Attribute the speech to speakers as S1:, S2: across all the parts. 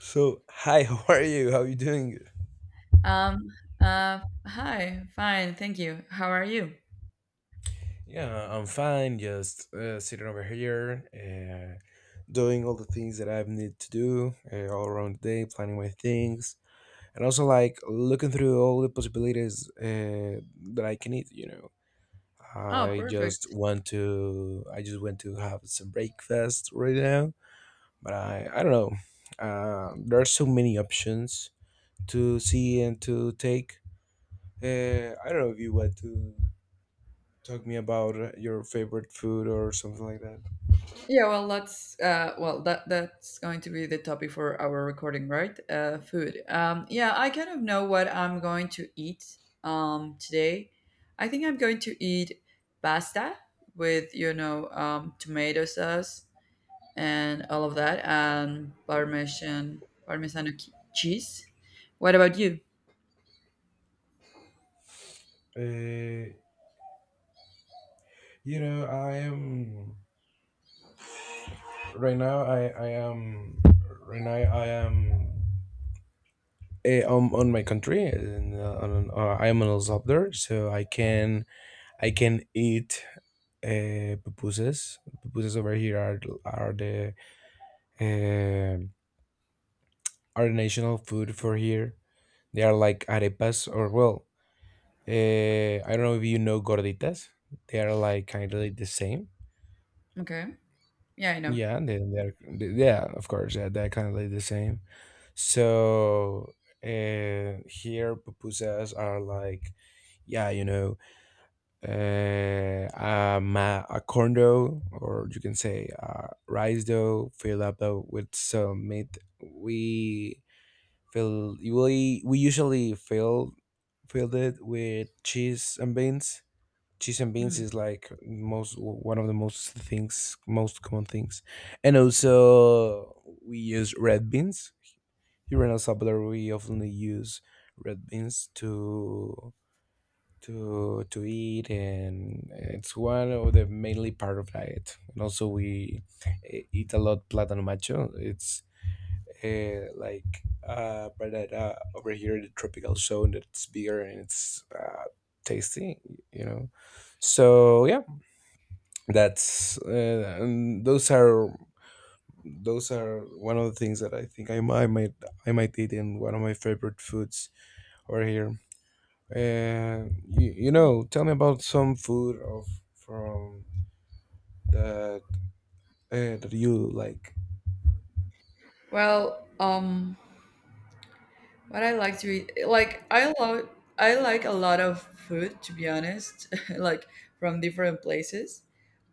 S1: So, hi, how are you? How are you doing?
S2: Um, uh, hi, fine, thank you. How are you?
S1: Yeah, I'm fine. Just sitting over here, doing all the things that I need to do all around the day, planning my things, and also like looking through all the possibilities that I can eat. You know,
S2: Oh, perfect.
S1: I just want to have some breakfast right now, but I don't know. There are so many options to see and to take. I don't know if you want to talk me about your favorite food or something like that.
S2: Yeah, well, that's going to be the topic for our recording, right? Food. Yeah, I kind of know what I'm going to eat, today. I think I'm going to eat pasta with, tomato sauce and all of that, and Parmesan, cheese. What about you?
S1: Uh, I am right now. I am right now. I am. Eh, I on my country, and I am in El Salvador, so I can eat pupusas. Pupusas over here are the uh, are the national food for here. They are like arepas, or I don't know if you know gorditas. They are kind of like the same.
S2: Okay. Yeah, I know.
S1: Yeah, they they're yeah, of course, yeah, they kind of like the same. So here pupusas are like, yeah, you know, a corn dough, or you can say rice dough, filled up with some meat. We we usually filled it with cheese and beans. Cheese and beans
S2: Hmm.
S1: is like most one of the most things most common things, and also we use red beans. Here in El Salvador we often use red beans to eat, and it's one of the mainly part of diet. And also we eat a lot plátano macho. It's like but over here in the tropical zone that's bigger, and it's tasty, you know. So yeah, that's and those are one of the things that I might eat, in one of my favorite foods over here. You
S2: Cool.
S1: know, tell me about some food of from that that you like.
S2: Well, what I like to eat, I like a lot of food to be honest, like from different places.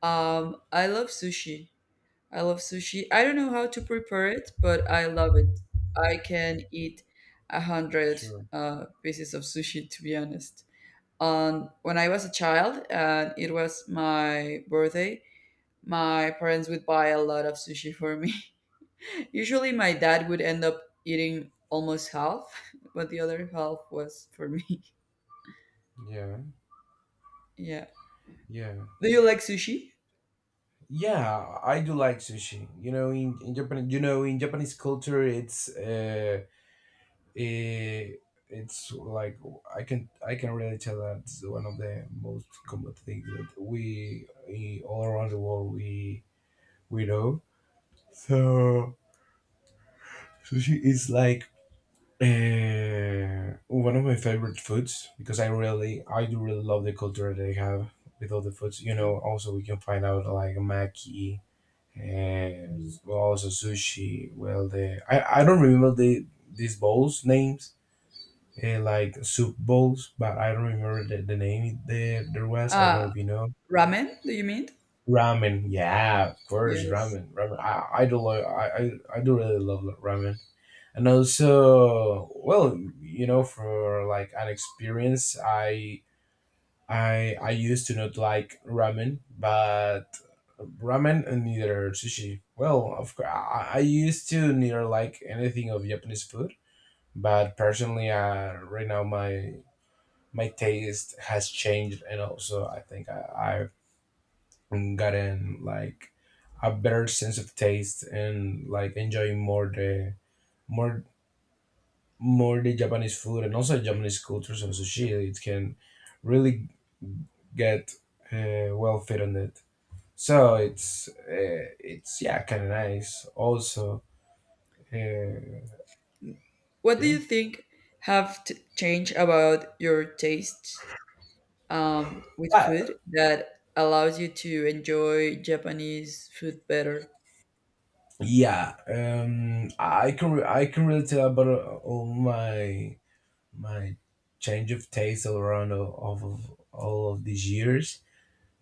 S2: I love sushi. I love sushi. I don't know how to prepare it, but I love it. I can eat 100
S1: Sure.
S2: pieces of sushi to be honest. On When I was a child and it was my birthday, my parents would buy a lot of sushi for me. Usually, my dad would end up eating almost half, but the other half was for me.
S1: Yeah.
S2: Yeah.
S1: Yeah.
S2: Do you like sushi?
S1: Yeah, I do like sushi. You know, in Japan, you know, in Japanese culture, it's eh, it's like I can really tell that it's one of the most common things that we all around the world we know. So sushi is like one of my favorite foods, because I do really love the culture that they have with all the foods. You
S2: No.
S1: know, also we can find out like maki. Uh,
S2: Mm.
S1: also sushi. I don't remember the these bowls names, like soup bowls, but I don't remember the name there there was. I don't
S2: Uh,
S1: know if you know.
S2: Ramen, do you mean?
S1: Ramen, yeah, of course,
S2: Yes.
S1: ramen, ramen. I do like I do really love ramen. And also, well, you know, for like an experience, I used to not like ramen, but ramen and neither sushi. Well, of course, I used to neither like anything of Japanese food, but personally, right now my taste has changed. And also I've gotten like a better sense of taste, and like enjoying more the more more the Japanese food, and also Japanese culture. So sushi, it can really get well fit on it. So it's, yeah, kind of nice. Also, uh,
S2: What do
S1: yeah,
S2: you think have changed about your taste, with
S1: but
S2: food that allows you to enjoy Japanese food better?
S1: yeah, I can I can really tell about all my my change of taste, all around all of these years.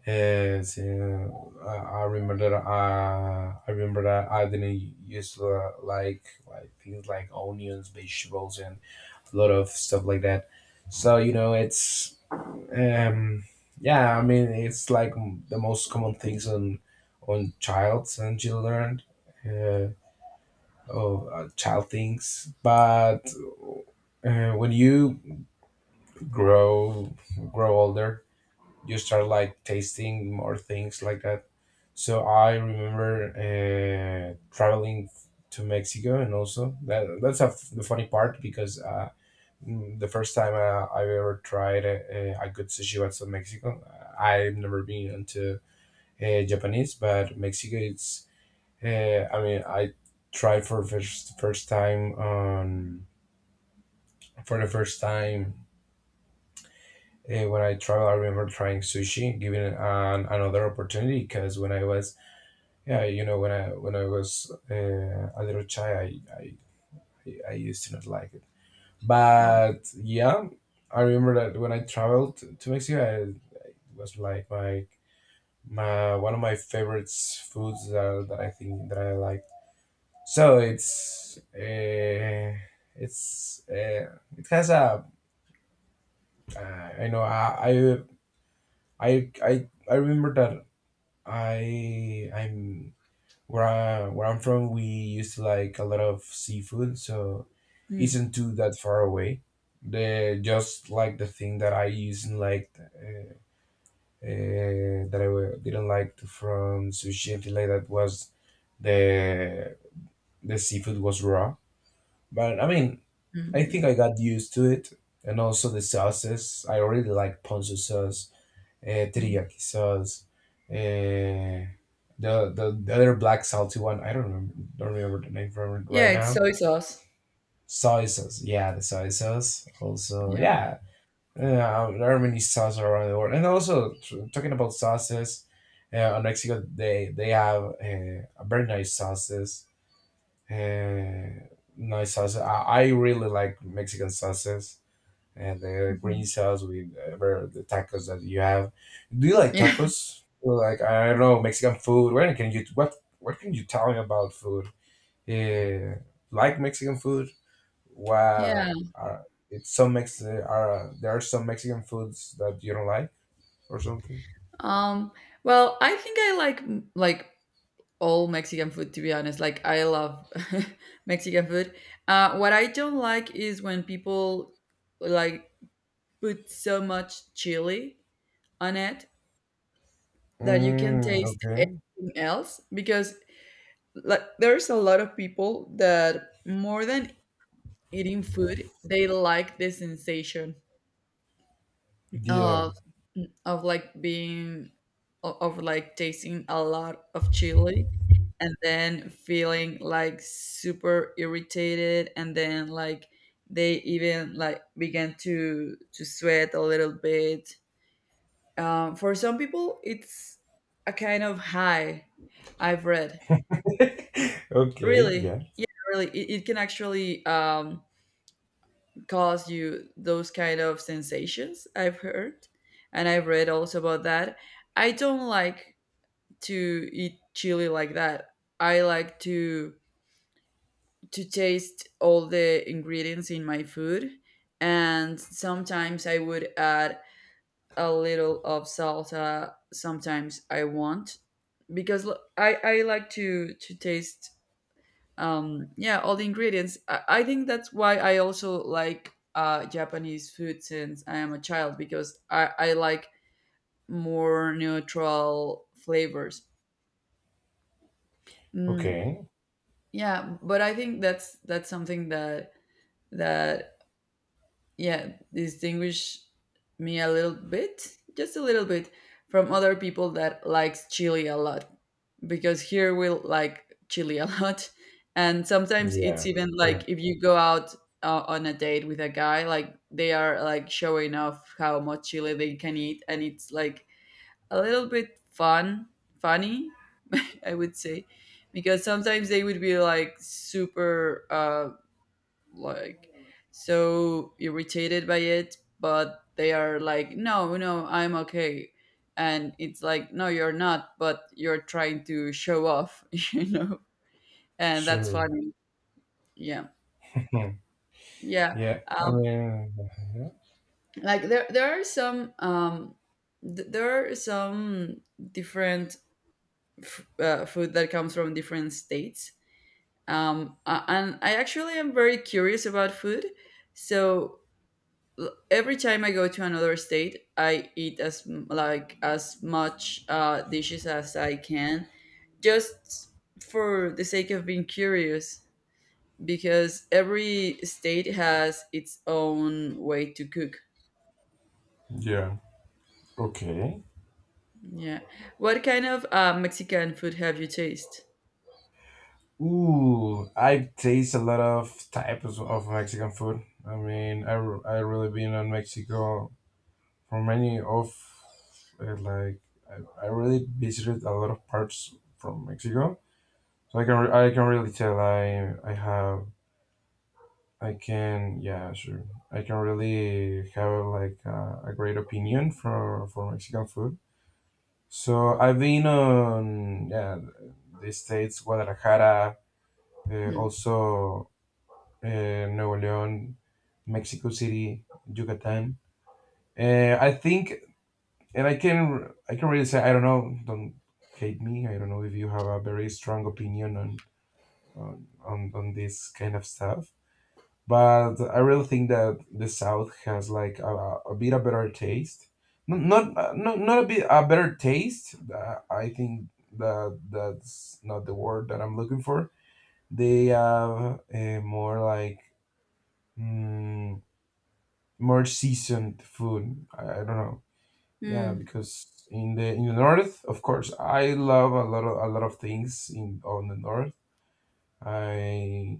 S1: As I remember that I remember that I didn't used to like things like onions, vegetables, and a lot of stuff like that. So you know, it's Um, yeah, I mean, it's like the most common things on childs and children, uh, or child things. But when you grow grow older, you start like tasting more things like that. So I remember traveling to Mexico, and also that's a f the funny part, because the first time I ever tried a good sushi was in Mexico. I've never been into Japanese, but Mexico it's. I mean, I tried for first first time on for the first time when I traveled. I remember trying sushi, giving it an, another opportunity, because when I was, yeah, you know, when I was a little child, I used to not like it.
S2: Oh.
S1: But yeah, I remember that when I traveled to Mexico, I it was like my one of my favorite foods that, that I think that I like. So it has a uh, I know I I I remember that I I'm where I, where I'm from we used to like a lot of seafood, so
S2: Mm,
S1: isn't too that far away. The just like the thing that I used and liked that I wa- didn't like from sushi and things like that was the the seafood was raw. But I mean,
S2: mm,
S1: I
S2: yeah.
S1: think I got used to it. And also the sauces. I really like ponzu sauce,
S2: Mm.
S1: teriyaki sauce, uh, the other black salty one. I don't remember the name from it
S2: Yeah,
S1: right
S2: it's
S1: now.
S2: soy sauce.
S1: Soy sauce, yeah, the soy sauce. Also,
S2: Yeah.
S1: yeah, there are many sauces around the world. And also talking about sauces. On Mexico, they have very nice sauces. Uh, nice sauces. I really like Mexican sauces, and the
S2: Mhm.
S1: green sauce with whatever the tacos that you have. Do you like
S2: Yeah.
S1: tacos? Or like I don't know Mexican food. Where can you what can you tell me about food? Yeah, like Mexican food.
S2: Yeah.
S1: Wow, are it's some Mex are there are some Mexican foods that you don't like or something.
S2: Um, well, I think I like all Mexican food to be honest. Like I love Mexican food. What I don't like is when people like put so much chili on it that you can
S1: Mm,
S2: taste
S1: okay.
S2: anything else, because like there's a lot of people that more than eating food, they like the sensation
S1: Yeah.
S2: of, of like being, of like tasting a lot of chili, and then feeling like super irritated, and then like they even like began to sweat a little bit. For some people it's a kind of high, I've read.
S1: Okay.
S2: Really?
S1: Yeah.
S2: Yeah, really, it can actually cause you those kind of sensations, I've heard, and I've read also about that. I don't like to eat chili like that. I like to taste all the ingredients in my food, and sometimes I would add a little of salsa, sometimes I want, because I like to taste, yeah, all the ingredients. I think that's why I also like Japanese food since I am a child, because I like more neutral flavors. Mm,
S1: Okay.
S2: yeah, but I think that's, something that distinguish me a little bit, just a little bit, from other people that likes chili a lot, because here we like chili a lot. And sometimes it's
S1: Yeah.
S2: even
S1: Sure.
S2: like if you go out on a date with a guy, like they are like showing off how much chili they can eat, and it's like a little bit funny, I would say, because sometimes they would be like super like so irritated by it, but they are like, "No, no, I'm okay." And it's like, "No, you're not, but you're trying to show off." you know and that's
S1: Sure.
S2: funny. Yeah. Yeah.
S1: Yeah. I
S2: Um,
S1: mean. Yeah.
S2: like there are some different food that comes from different states, and I actually am very curious about food, so every time I go to another state, I eat like as much dishes as I can, just for the sake of being curious. Because every state has its own way to cook.
S1: Yeah. Okay.
S2: Yeah. What kind of Mexican food have you tasted?
S1: Ooh, I taste a lot of types of Mexican food. I mean, I really been in Mexico for many of uh, like I really visited a lot of parts from Mexico, so I can really tell I have I can yeah, sure, I can really have like a great opinion for Mexican food. So I've been on, yeah, the states Guadalajara,
S2: Mm.
S1: also Nuevo León, Mexico City, Yucatan. Uh, I think, and I can really say, I don't know. Don't hate me. I don't know if you have a very strong opinion on on this kind of stuff. But I really think that the South has like a bit a better taste. Not a bit a better taste. I think that that's not the word that I'm looking for. They have more like. Mm, more seasoned food. I don't know. Yeah,
S2: Mm.
S1: because in the north, of course, I love a lot of things in on the north. I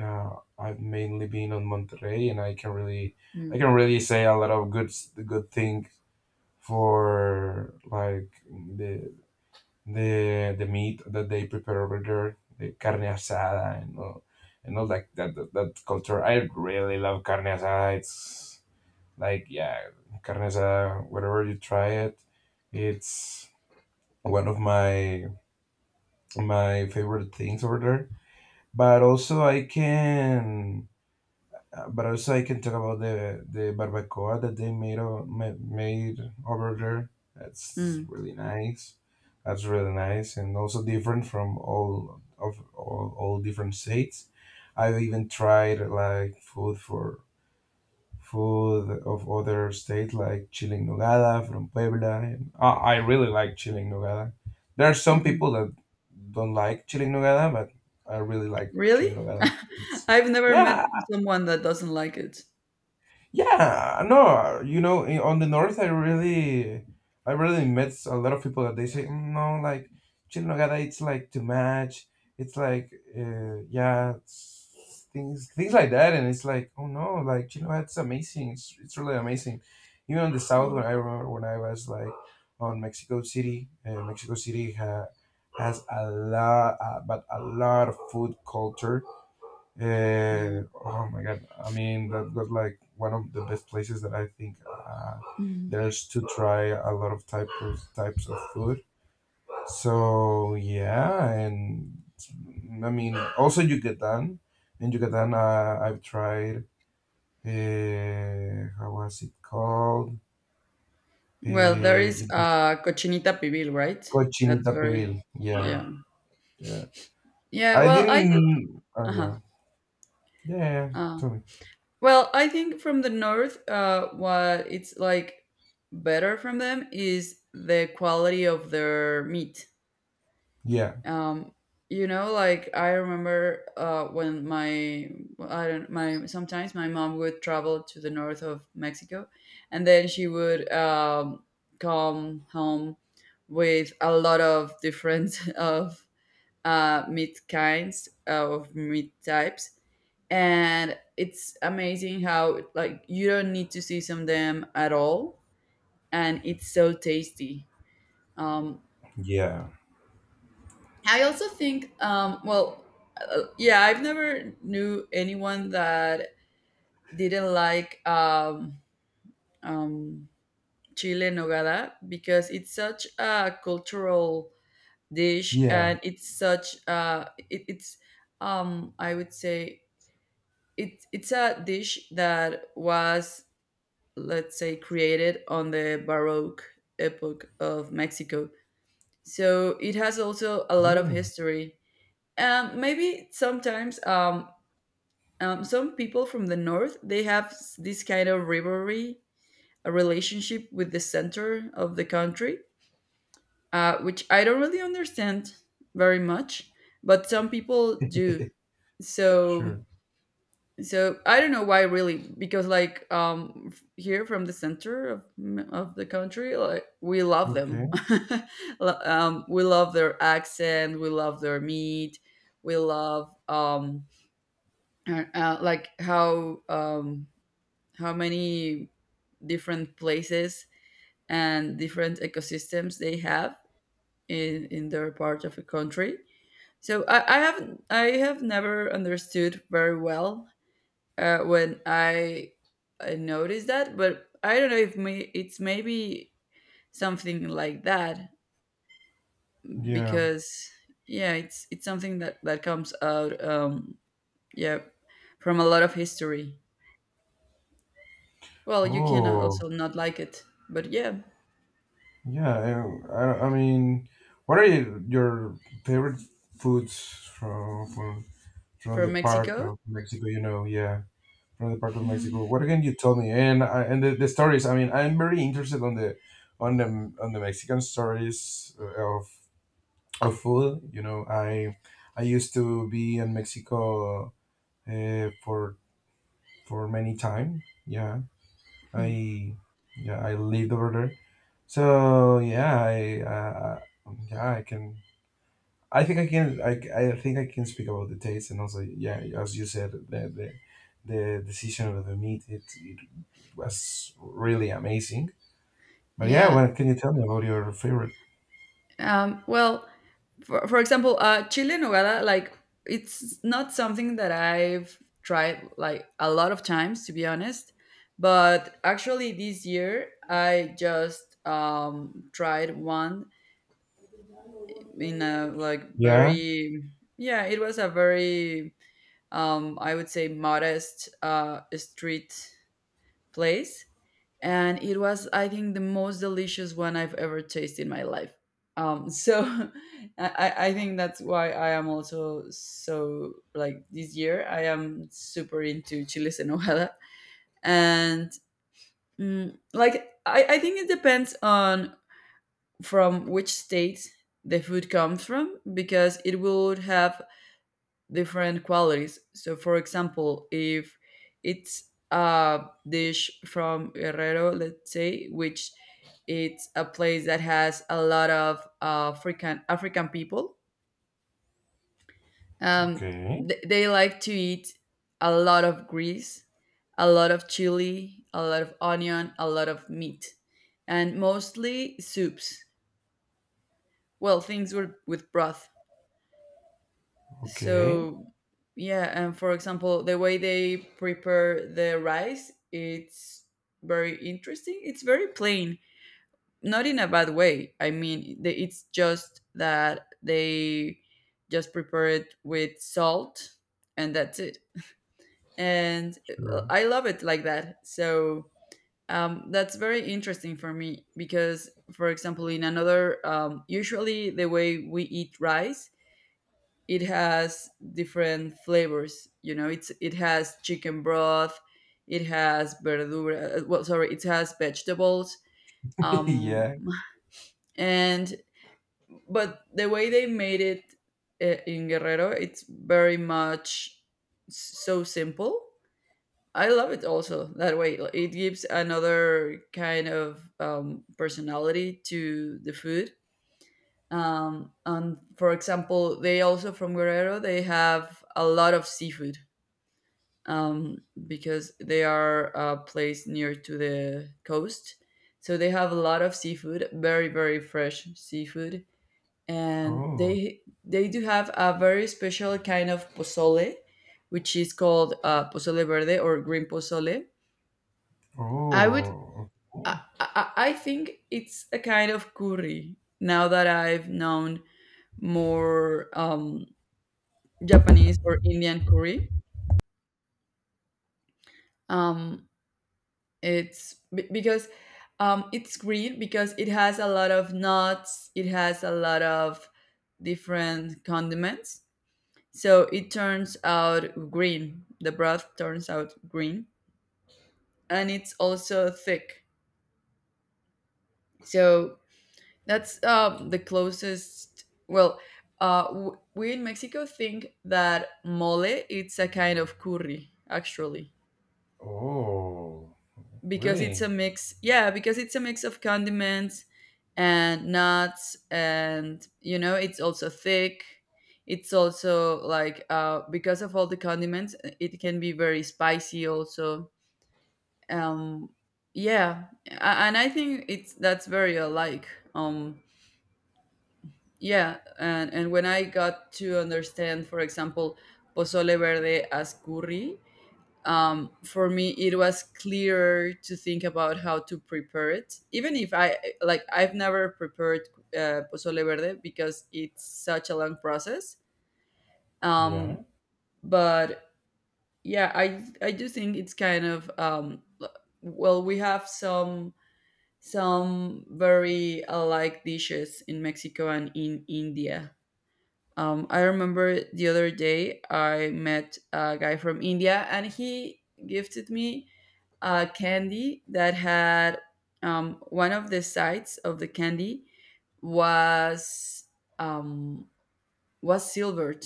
S1: I've mainly been on Monterrey, and
S2: Mm.
S1: I can really say a lot of good things for like the meat that they prepare over there, the carne asada and all, that culture. I really love carne asada. It's like, yeah, carnesa. Whenever you try it, it's one of my favorite things over there. But but also I can talk about the barbacoa that they made o- ma- made over there. That's
S2: Mm.
S1: really nice. That's really nice, and also different from all different states. I've even tried like food of other states, like chile en nogada from Puebla. And I really like chile en nogada. There are some
S2: Mhm.
S1: people that don't like chile en nogada, but I really like chile
S2: Really?
S1: en nogada. It's,
S2: I've never met
S1: yeah,
S2: someone that doesn't like it.
S1: yeah, no, you know, on the north, I really met a lot of people that they say, "Mm, no, like chile en nogada, it's like too much. It's like, yeah," it's things, things like that, and it's like, oh no, like chile en nogada, it's amazing. It's really amazing. Even on the south, when I remember when I was like on Mexico City, has a lot, but a lot of food culture.
S2: Yeah.
S1: Oh my God. I mean, that was like one of the best places that I think there's to try a lot of types of food. So yeah, and I mean, also Yucatan. In Yucatan, I've tried. How was it called? Uh,
S2: Well, there is
S1: it was
S2: cochinita pibil, right? That's
S1: cochinita
S2: very,
S1: pibil. Yeah,
S2: yeah.
S1: yeah.
S2: Yeah,
S1: I
S2: well, I
S1: didn't.
S2: think,
S1: Oh yeah,
S2: uh-huh.
S1: yeah.
S2: Uh,
S1: Tell me.
S2: well, I think from the north, what it's like better from them is the quality of their meat.
S1: Yeah,
S2: um you know, like I remember when my I don't my sometimes my mom would travel to the north of Mexico, and then she would come home with a lot of different of meat types, and it's amazing how like you don't need to season them at all, and it's so tasty. um
S1: yeah,
S2: I also think, well, yeah, I've never knew anyone that didn't like, um, chile en nogada, because it's such a cultural dish,
S1: yeah.
S2: and it's such, it, it's I would say, it's a dish that was, let's say, created on the Baroque epoch of Mexico, so it has also a lot of
S1: Really?
S2: history. Maybe sometimes, some people from the north they have, this kind of rivalry, a relationship with the center of the country, which I don't really understand very much, but some people do. So
S1: Sure.
S2: I don't know why, really, because like here from the center of the country, like we love them.
S1: Okay.
S2: We love their accent, we love their meat, we love, like, how many different places and different ecosystems they have, in their part of a country. So, I have never understood very well when I noticed that, but I don't know if, it's maybe something like that,
S1: Yeah.
S2: because yeah, it's something that comes out, yeah, from a lot of history. Well, you can
S1: Oh,
S2: also not like it, but yeah,
S1: yeah. I mean, what are your favorite foods from
S2: from
S1: the part
S2: Mexico.
S1: of Mexico? From the part of Mexico. What can you tell me? And the stories. I mean, I'm very interested on the Mexican stories of of food. I used to be in Mexico for for many time. Yeah,
S2: Hmm.
S1: I yeah, I lived over there. So I can. I think I can. I think I can speak about the taste and also, yeah, as you said, the, the decision of the meat it, it was really amazing. But yeah,
S2: Yeah.
S1: what can you tell me about your favorite?
S2: Well, for example, chile en nogada, like it's not something that I've tried like a lot of times, to be honest. But actually, this year I just tried one, in a like
S1: Yeah.
S2: very yeah, it was a very, I would say modest, street place, and it was, I think, the most delicious one I've ever tasted in my life. So, I think that's why I am also so like this year I am super into chiles en hojada. And like I think it depends on from which state the food comes from, because it would have different qualities. So, for example, if it's a dish from Guerrero, let's say, which it's a place that has a lot of African people, um,
S1: Okay.
S2: they like to eat a lot of grease, a lot of chili, a lot of onion, a lot of meat, and mostly soups. Well, things with broth.
S1: Okay.
S2: So yeah, and for example, the way they prepare the rice, it's very interesting. It's very plain, not in a bad way, I mean, it's just that they just prepare it with salt, and that's it. And
S1: Sure.
S2: I love it like that. So, that's very interesting for me, because, for example, in another usually the way we eat rice, it has different flavors. It has chicken broth, it has verdura. Well, sorry, it has vegetables. Um,
S1: Yeah.
S2: and but the way they made it, in Guerrero, it's very much so simple. I love it also that way. Like, it gives another kind of, personality to the food. And for example, they also from Guerrero, they have a lot of seafood, um, because they are, placed near to the coast. So they have a lot of seafood, very very fresh seafood, and
S1: Oh.
S2: they do have a very special kind of pozole, which is called pozole verde, or green pozole. I would
S1: Oh. Oh.
S2: I think it's a kind of curry. Now that I've known more, Japanese or Indian curry. Um, because it's green because it has a lot of nuts. It has a lot of different condiments. So it turns out green. The broth turns out green, and it's also thick. So that's, the closest. Well, we in Mexico think that mole it's a kind of curry, actually.
S1: Oh.
S2: Because it's
S1: Really?
S2: a mix yeah, because it's a mix of condiments and nuts, and it's also thick. It's also like, because of all the condiments, it can be very spicy also. um yeah, and I think it's that's very alike. um yeah. And when I got to understand, for example, pozole verde as curry, for me it was clearer to think about how to prepare it, even if, I've never prepared pozole verde because it's such a long process.
S1: Yeah.
S2: um, but yeah, I do think it's kind of, well, we have some very alike dishes in Mexico and in India. I remember the other day I met a guy from India, and he gifted me a candy that had, one of the sides of the candy was um, was silvered.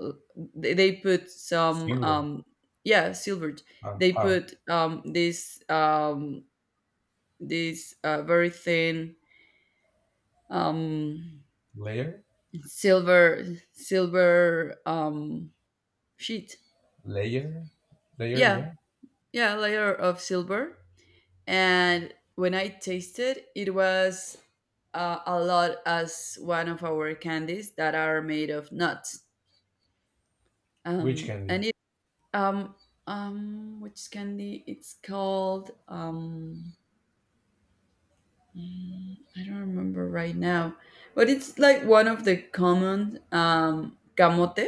S2: Uh, they put some,
S1: Silver.
S2: yeah, silvered. They
S1: How?
S2: put, this very thin, um,
S1: Layer.
S2: silver, silver um, sheet.
S1: Layer. Layer.
S2: Yeah,
S1: Yeah.
S2: yeah, layer of silver, and when I tasted, it was a lot as one of our candies that are made of nuts.
S1: Which
S2: And
S1: candy?
S2: it um which candy? It's called I don't remember right now, but it's like one of the common camote.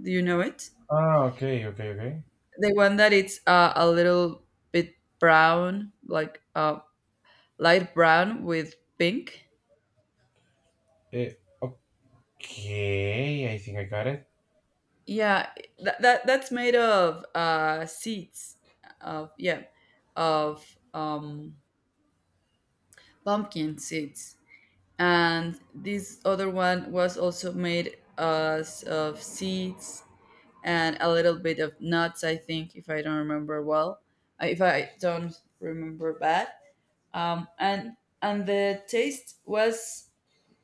S2: Do you know it?
S1: Ah, okay, okay, okay.
S2: The one that it's a little bit brown, like light brown with pink.
S1: Eh, okay, I think I got it.
S2: Yeah, that's made of seeds of, yeah, of pumpkin seeds, and this other one was also made as of seeds and a little bit of nuts. I think if I don't remember well, if I don't remember bad, um, and and the taste was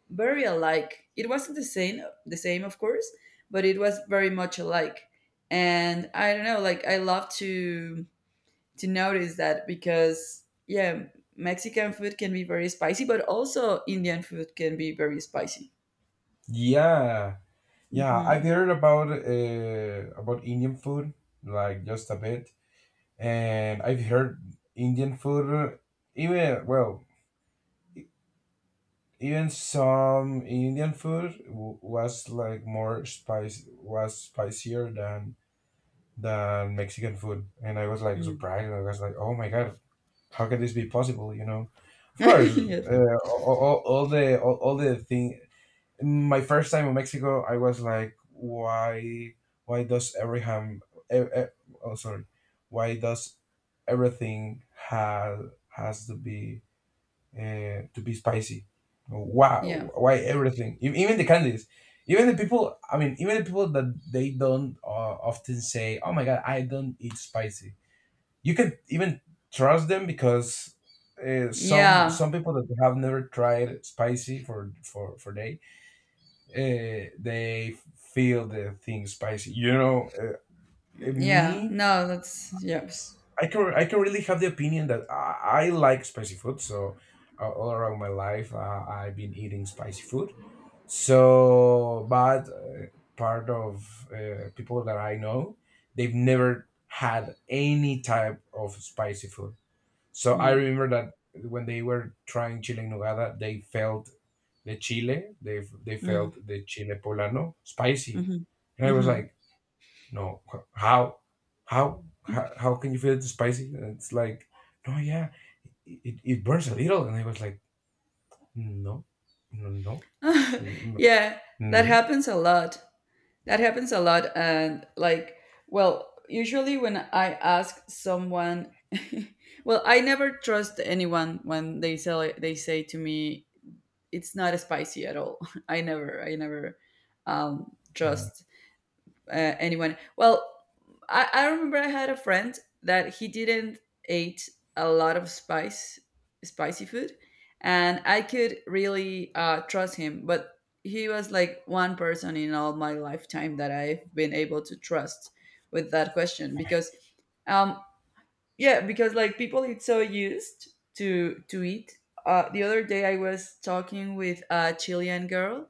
S2: very alike. It wasn't the same, the same, of course, but it was very much alike. And I don't know, like, I love to notice that because, yeah, Mexican food can be very spicy, but also Indian food can be very spicy.
S1: Yeah, yeah. I've
S2: Hmm.
S1: heard about Indian food like just a bit, and I've heard Indian food, even well, even some Indian food was like more spice was spicier than Mexican food, and I was like
S2: Mm.
S1: surprised. I was like, oh my god, how can this be possible? You know, of course,
S2: Yeah, of course.
S1: all the thing. My first time in Mexico, I was like, why does Abraham? E- e- oh, sorry, why does everything have has to be spicy?
S2: Yeah,
S1: Why everything? Even the candies. Even the people, I mean, even the people that they don't often say, "Oh my God, I don't eat spicy," you can even trust them because some
S2: yeah,
S1: some people that have never tried spicy for day, they feel the thing spicy, you know. uh,
S2: yeah.
S1: me
S2: No, that's yes.
S1: i can i can really have the opinion that I like spicy food, so all around my life I've been eating spicy food. So but part of people that I know, they've never had any type of spicy food. So I
S2: Mm.
S1: remember that when they were trying chile en nogada, they felt the chile, they felt
S2: Mm.
S1: the chile poblano spicy,
S2: Hmm.
S1: and I was
S2: Hmm.
S1: like, no, how can you feel it spicy? And it's like, no, yeah, it burns a little, and I was like, no, no, no, no,
S2: Yeah, that
S1: no,
S2: happens a lot. That happens a lot. And like, well, usually when I ask someone, well, I never trust anyone when they say to me it's not spicy at all. I never
S1: yeah,
S2: trust anyone. Well, I remember I had a friend that he didn't eat a lot of spicy food, and I could really trust him. But he was like one person in all my lifetime that I've been able to trust with that question because, um, yeah, because, like, people it's so used to eat. The other day I was talking with a Chilean girl,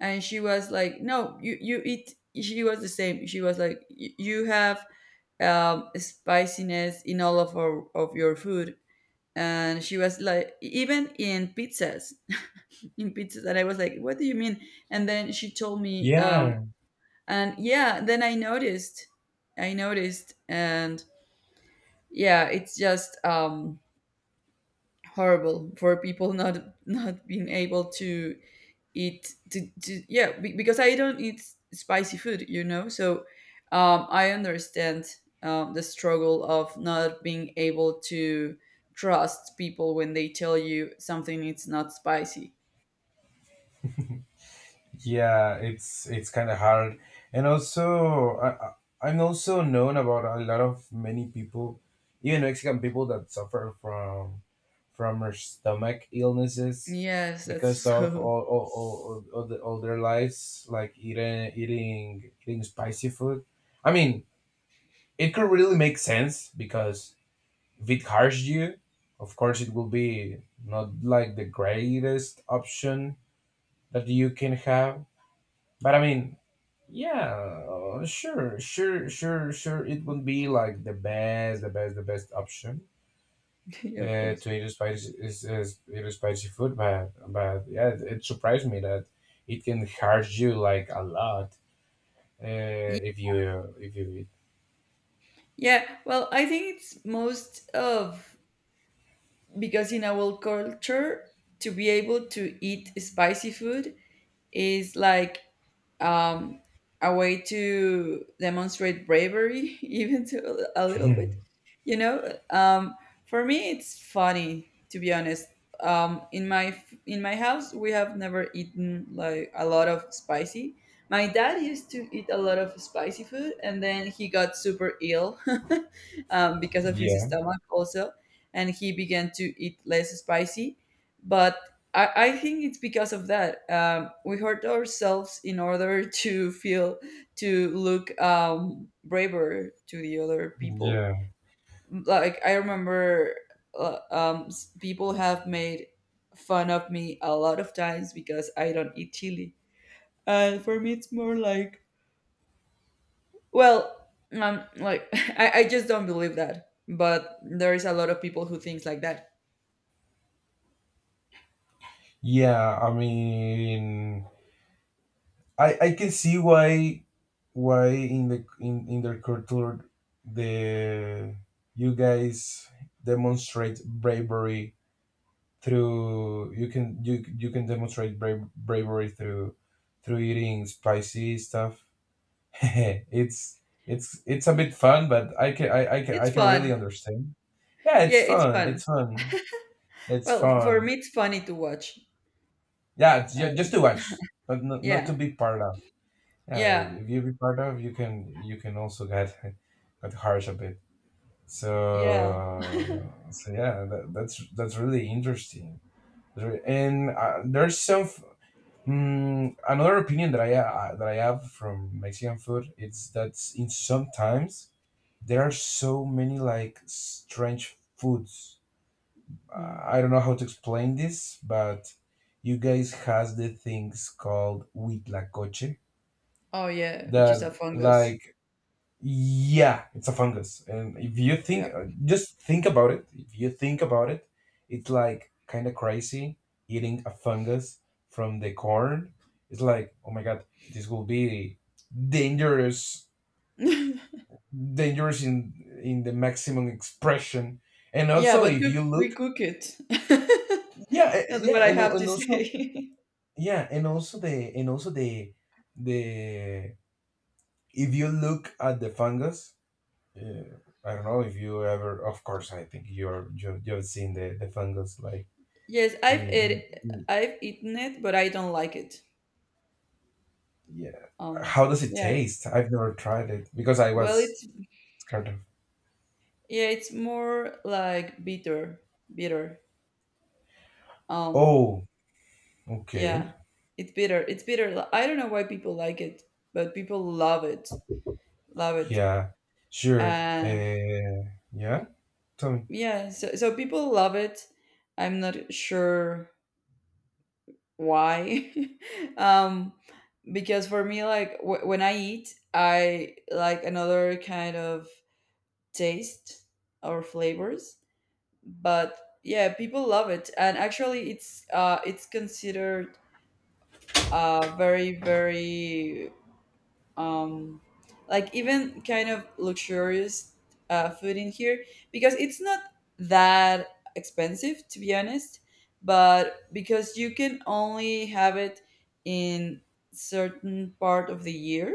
S2: and she was like, no, you eat, she was the same, she was like, "You have spiciness in all of our, of your food," and she was like, even in pizzas, in pizzas, and I was like, what do you mean? And then she told me,
S1: yeah.
S2: and, yeah, then I noticed, and, yeah, it's just horrible for people, not being able to eat, to, yeah, because I don't eat spicy food, so I understand the struggle of not being able to trust people when they tell you something it's not spicy.
S1: Yeah, it's kind of hard, and also I'm also known about a lot of many people, even Mexican people, that suffer from her stomach illnesses
S2: Yes, that's
S1: because of
S2: so.
S1: all their lives like eating spicy food. I mean, it could really make sense, because if it hurts you, of course it will be not like the greatest option that you can have. But I mean, yeah, sure. It would be like the best option
S2: Yeah, of course.
S1: to eat spicy is eat spicy food. But yeah, it surprised me that it can hurt you like a lot uh,
S2: Ye-
S1: if you if you
S2: yeah well, I think it's most of because in our culture to be able to eat spicy food is like, um, a way to demonstrate bravery, even to a little
S1: eat.
S2: bit. You know, um, for me, it's funny to be honest. In my in my house, we have never eaten like a lot of spicy. My dad used to eat a lot of spicy food, and then he got super ill, because of his
S1: Yeah,
S2: stomach also, and he began to eat less spicy. But I think it's because of that. We hurt ourselves in order to feel, to look braver to the other people.
S1: yeah,
S2: Like, I remember people have made fun of me a lot of times because I don't eat chili. And for me, it's more like, well, like, I just don't believe that. But there is a lot of people who thinks like that.
S1: yeah. I mean, I can see why in the in their culture the you guys demonstrate bravery through, you can you you can demonstrate bravery through through eating spicy stuff. It's it's a bit fun, but I can, I can I
S2: It's
S1: can really
S2: fun.
S1: understand. Yeah,
S2: Yeah,
S1: it's
S2: it's
S1: fun.
S2: fun.
S1: It's fun. It's
S2: Well, for
S1: fun.
S2: me, it's funny to watch.
S1: Yeah, it's just
S2: Uh,
S1: to watch, but not, not to
S2: yeah.
S1: be part of. Yeah,
S2: Yeah,
S1: if you be part of, you can also get get harsh a bit. So
S2: yeah.
S1: so yeah, that's that's really interesting. And there's some, mm, another opinion that I have from Mexican food, is that in sometimes there are so many like strange foods.
S2: Mm.
S1: I don't know how to explain this, but you guys has the things called huitlacoche
S2: Oh yeah, which
S1: that
S2: is a fungus.
S1: like, yeah, it's a fungus. And if you
S2: Yeah.
S1: think, just think about it. If you think about it, it's like kind of crazy eating a fungus from the corn. It's like, oh my God, this will be dangerous, dangerous in the maximum expression. And
S2: Yeah,
S1: also,
S2: but
S1: if
S2: cook,
S1: you
S2: we
S1: look,
S2: cook it.
S1: yeah, eh, eh,
S2: That's
S1: yeah,
S2: what I
S1: and, al-
S2: have to
S1: and also,
S2: say.
S1: yeah, and also the, if you look at the fungus, yeah, I don't know if you ever. Of course, I think you, you've seen the fungus like
S2: Yes, I've
S1: in,
S2: ate,
S1: in,
S2: I've eaten it, but I don't like it.
S1: yeah.
S2: Um,
S1: How does it
S2: yeah.
S1: taste? I've never tried it because I
S2: Well,
S1: was
S2: it's
S1: scared of.
S2: yeah, it's more like bitter, bitter. Um,
S1: Oh, okay.
S2: yeah, it's bitter. It's bitter. I don't know why people like it, but people love it, love it.
S1: Yeah, sure.
S2: And
S1: Yeah. Tell me.
S2: yeah, so people love it. I'm not sure why. um because for me, like, when I eat, I like another kind of taste or flavors, but, yeah, people love it. And actually it's considered, very very, um, like, even kind of luxurious, food in here, because it's not that expensive, to be honest, but because you can only have it in certain part of the year,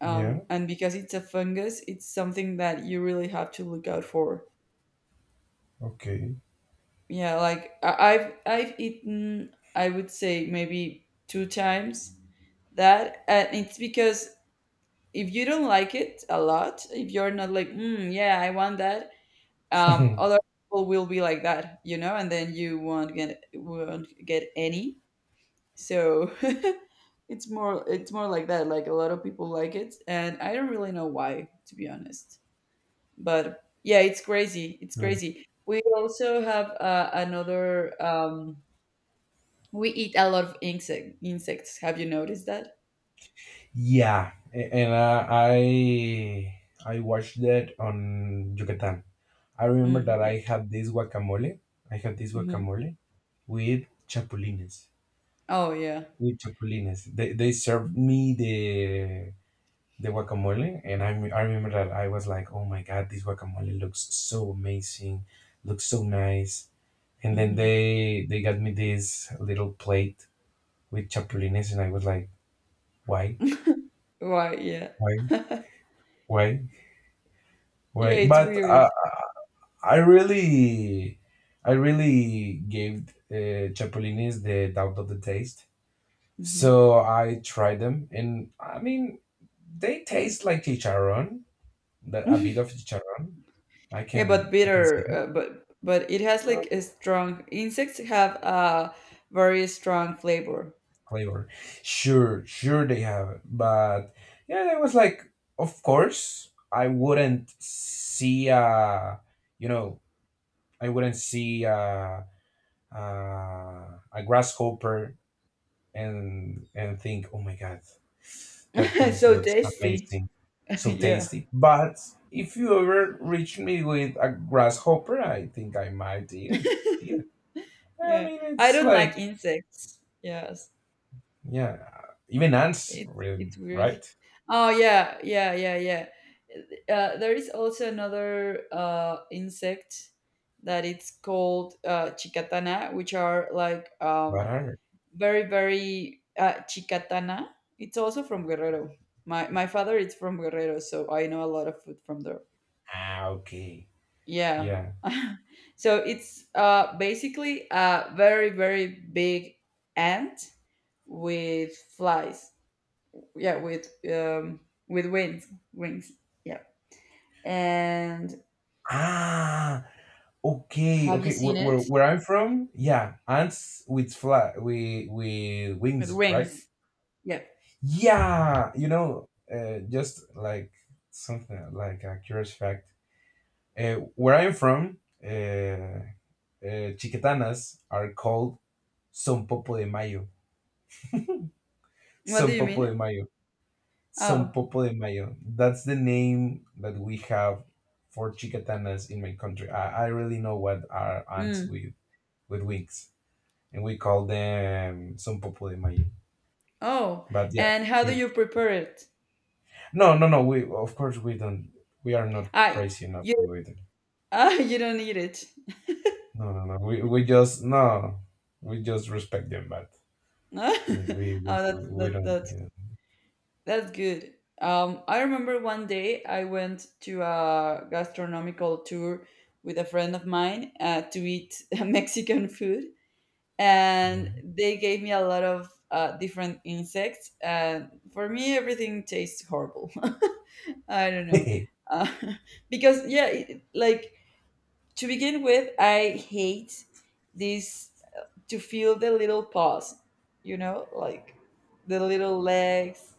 S1: Yeah.
S2: and because it's a fungus, it's something that you really have to look out for.
S1: Okay.
S2: Yeah, like, I've eaten, I would say maybe two times that, and it's because if you don't like it a lot, if you're not like, yeah, I want that, other people will be like that, and then you won't get any. So it's more like that. Like, a lot of people like it, and I don't really know why, to be honest. But yeah, it's crazy. It's crazy. We also have another. We eat a lot of insects. Have you noticed that?
S1: Yeah, and I watched that on Yucatan. I remember
S2: Mm,
S1: that
S2: yeah.
S1: I had this guacamole. I had this
S2: Hmm.
S1: guacamole with chapulines.
S2: Oh yeah.
S1: With chapulines, they served me the guacamole, and I remember that I was like, oh my god, this guacamole looks so amazing, looks so nice. And then
S2: Hmm.
S1: they got me this little plate with chapulines, and I was like, why,
S2: Right. Yeah.
S1: why, why,
S2: Yeah,
S1: why?
S2: it's
S1: But
S2: weird.
S1: I really, I really gave chapulines the doubt of the taste.
S2: Mhm.
S1: So I tried them, and I mean, they taste like chicharron, a bit of chicharron.
S2: Yeah, but
S1: I can say
S2: bitter,
S1: that,
S2: but it has
S1: uh,
S2: like a strong. Insects have a very strong flavor.
S1: flavor. Sure, sure they have, it. But yeah, it was like, of course, I wouldn't see a, you know, I wouldn't see a, a grasshopper and think, oh my god, that thing
S2: So
S1: looks
S2: tasty.
S1: amazing, so
S2: Yeah.
S1: tasty. But if you ever reach me with a grasshopper, I think I might eat it. Eat it. I
S2: Yeah.
S1: mean,
S2: I
S1: it's
S2: don't like
S1: like
S2: insects. Yes.
S1: yeah, even ants,
S2: It's it's weird.
S1: right?
S2: Oh yeah, yeah, yeah, yeah. There is also another insect that it's called chicatana, which are like,
S1: What are?
S2: very very, chicatana. It's also from Guerrero. My father is from Guerrero, so I know a lot of food from there.
S1: Ah, okay,
S2: Yeah.
S1: yeah.
S2: So it's basically a very very big ant with flies. Yeah, with wings, wings. Yeah. And
S1: Ah, okay,
S2: have you
S1: okay.
S2: seen it
S1: Where I'm from, yeah, ants with fly with
S2: with
S1: wings, right?
S2: wings? Yeah.
S1: Yeah, you know, just like something like a curious fact. Where I'm from, chiquetanas are called Sonpopo de Mayo.
S2: What do you
S1: Sonpopo
S2: mean?
S1: de Mayo.
S2: Oh.
S1: Sonpopo de Mayo. That's the name that we have for chiquetanas in my country. I really know what are ants
S2: Mm.
S1: with wings, and we call them Sonpopo de Mayo.
S2: Oh.
S1: But yeah,
S2: And how do you
S1: keep
S2: prepare it?
S1: no, no, no. We of course we don't. We are not
S2: I.
S1: crazy enough to
S2: You
S1: do it.
S2: Ah, you don't need it.
S1: No, no, no. We just no. We just respect them, but
S2: No?
S1: I mean, we
S2: Oh, that's
S1: we
S2: that
S1: don't. Yeah.
S2: that's good. I remember one day I went to a gastronomical tour with a friend of mine, to eat Mexican food, and they gave me a lot of different insects. And for me, everything tastes horrible. I don't know.
S1: Yeah.
S2: Uh, because, yeah, it, like, to begin with, I hate these to feel the little paws, like the little legs,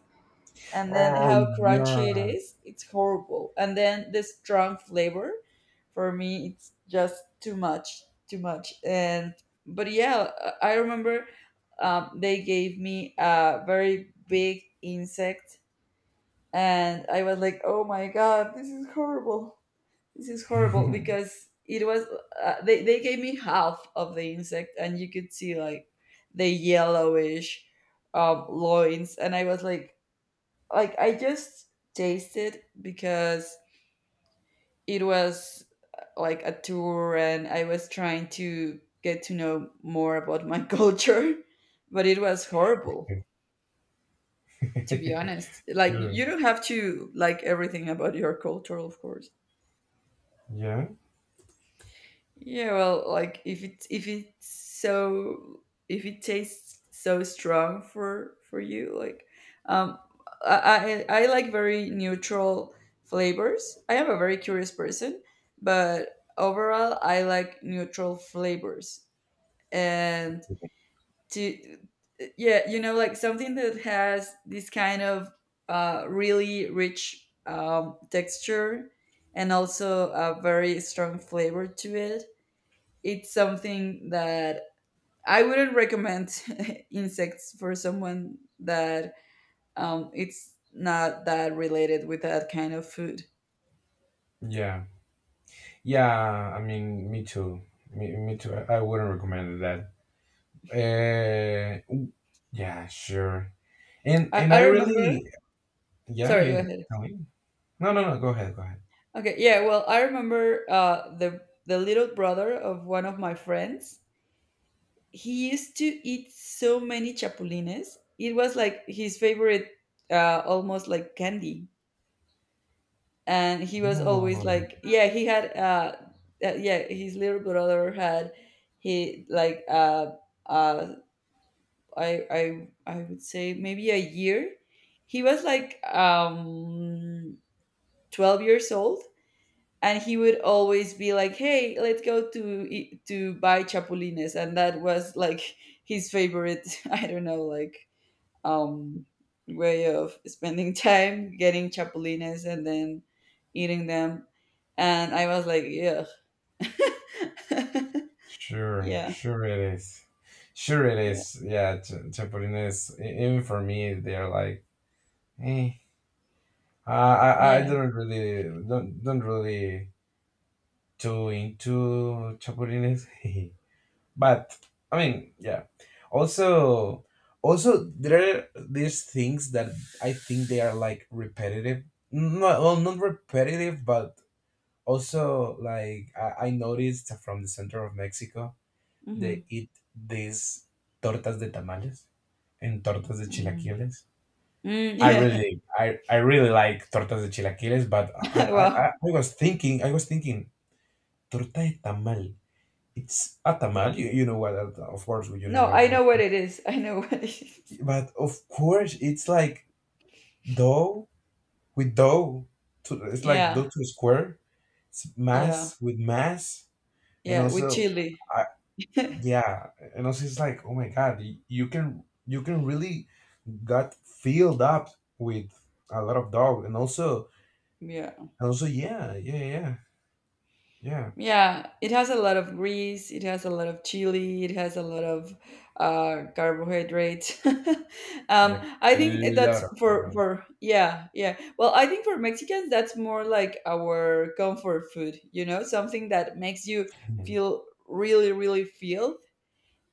S2: and then
S1: Oh
S2: how crunchy it
S1: yeah.
S2: is. It's horrible. And then the strong flavor, for me, it's just too much, too much. And but, yeah, I remember, they gave me a very big insect, and I was like, oh my god, this is horrible. This is horrible because it was, they gave me half of the insect, and you could see like the yellowish, loins, and I was like I just tasted because it was, like, a tour, and I was trying to get to know more about my culture, but it was horrible, to be honest. Like,
S1: Sure.
S2: you don't have to like everything about your culture, of course.
S1: Yeah.
S2: Yeah, well, like if it tastes so strong for you, like, um I like very neutral flavors. I am a very curious person, but overall I like neutral flavors. And to yeah, like, something that has this kind of really rich texture, and also a very strong flavor to it, it's something that I wouldn't recommend insects for someone that, it's not that related with that kind of food.
S1: Yeah. Yeah. I mean, me too. Me, me too. I wouldn't recommend that. Uh, yeah. Sure.
S2: I,
S1: And
S2: I
S1: I
S2: remember.
S1: really. Yeah.
S2: Sorry, go
S1: You.
S2: ahead.
S1: Tell me. No. No. No. Go ahead. Go ahead.
S2: Okay, yeah. Well, I remember the little brother of one of my friends. He used to eat so many chapulines. It was like his favorite, almost like candy. And he was
S1: No.
S2: always like, yeah, he had, yeah, his little brother had, he like uh I would say maybe a year, he was like, 12 years old, and he would always be like, hey, let's go to to buy chapulines, and that was like his favorite, I don't know, like, um, way of spending time getting chapulines and then eating them. And I was like, yeah,
S1: Sure,
S2: yeah,
S1: sure it is. Sure it
S2: yeah,
S1: is. Yeah, chapulines. Even for me, they're like, eh. I
S2: yeah.
S1: don't really don't really too into chapulines. But I mean, yeah. Also, also there are these things that I think they are like repetitive. Not well, not repetitive, but also like I noticed from the center of Mexico.
S2: Hmm.
S1: They eat these tortas de tamales and tortas de
S2: Hmm.
S1: chilaquiles.
S2: Mm,
S1: I
S2: yeah.
S1: really, I really like tortas de chilaquiles, but
S2: Well,
S1: I was thinking, torta de tamal. It's a tamal, you know what, of course, you know
S2: no,
S1: what
S2: I
S1: that.
S2: know what it is. I know what it is.
S1: But of course, it's like dough with dough. To, it's like
S2: Yeah,
S1: dough to square. It's
S2: yeah,
S1: mass with mass. And
S2: yeah. With
S1: also,
S2: chili.
S1: I, yeah, and also it's like, oh my God, you, you can really got filled up with a lot of dog
S2: Yeah.
S1: and also yeah
S2: Yeah, it has a lot of grease, it has a lot of chili, it has a lot of carbohydrates.
S1: yeah,
S2: I
S1: a
S2: think that's
S1: lot of dog right.
S2: for yeah, yeah. Well, I think for Mexicans that's more like our comfort food, something that makes you
S1: Mhm,
S2: feel really really filled,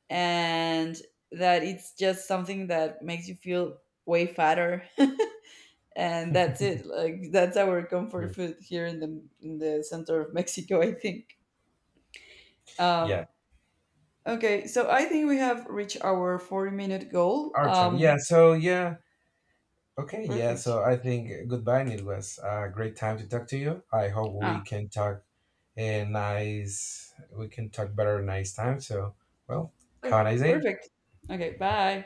S2: and that it's just something that makes you feel way fatter. And that's it. Like, that's our comfort
S1: sure.
S2: food here in the center of Mexico, I think. Um,
S1: Yeah,
S2: Okay, so I think we have reached our 40-minute goal.
S1: Artem, yeah, so yeah, okay, yeah,
S2: Perfect.
S1: so I think goodbye, and it was a great time to talk to you. I hope we
S2: Ah,
S1: can talk a nice we can talk better next time. So well, have
S2: Okay,
S1: a nice day.
S2: perfect. Okay, bye.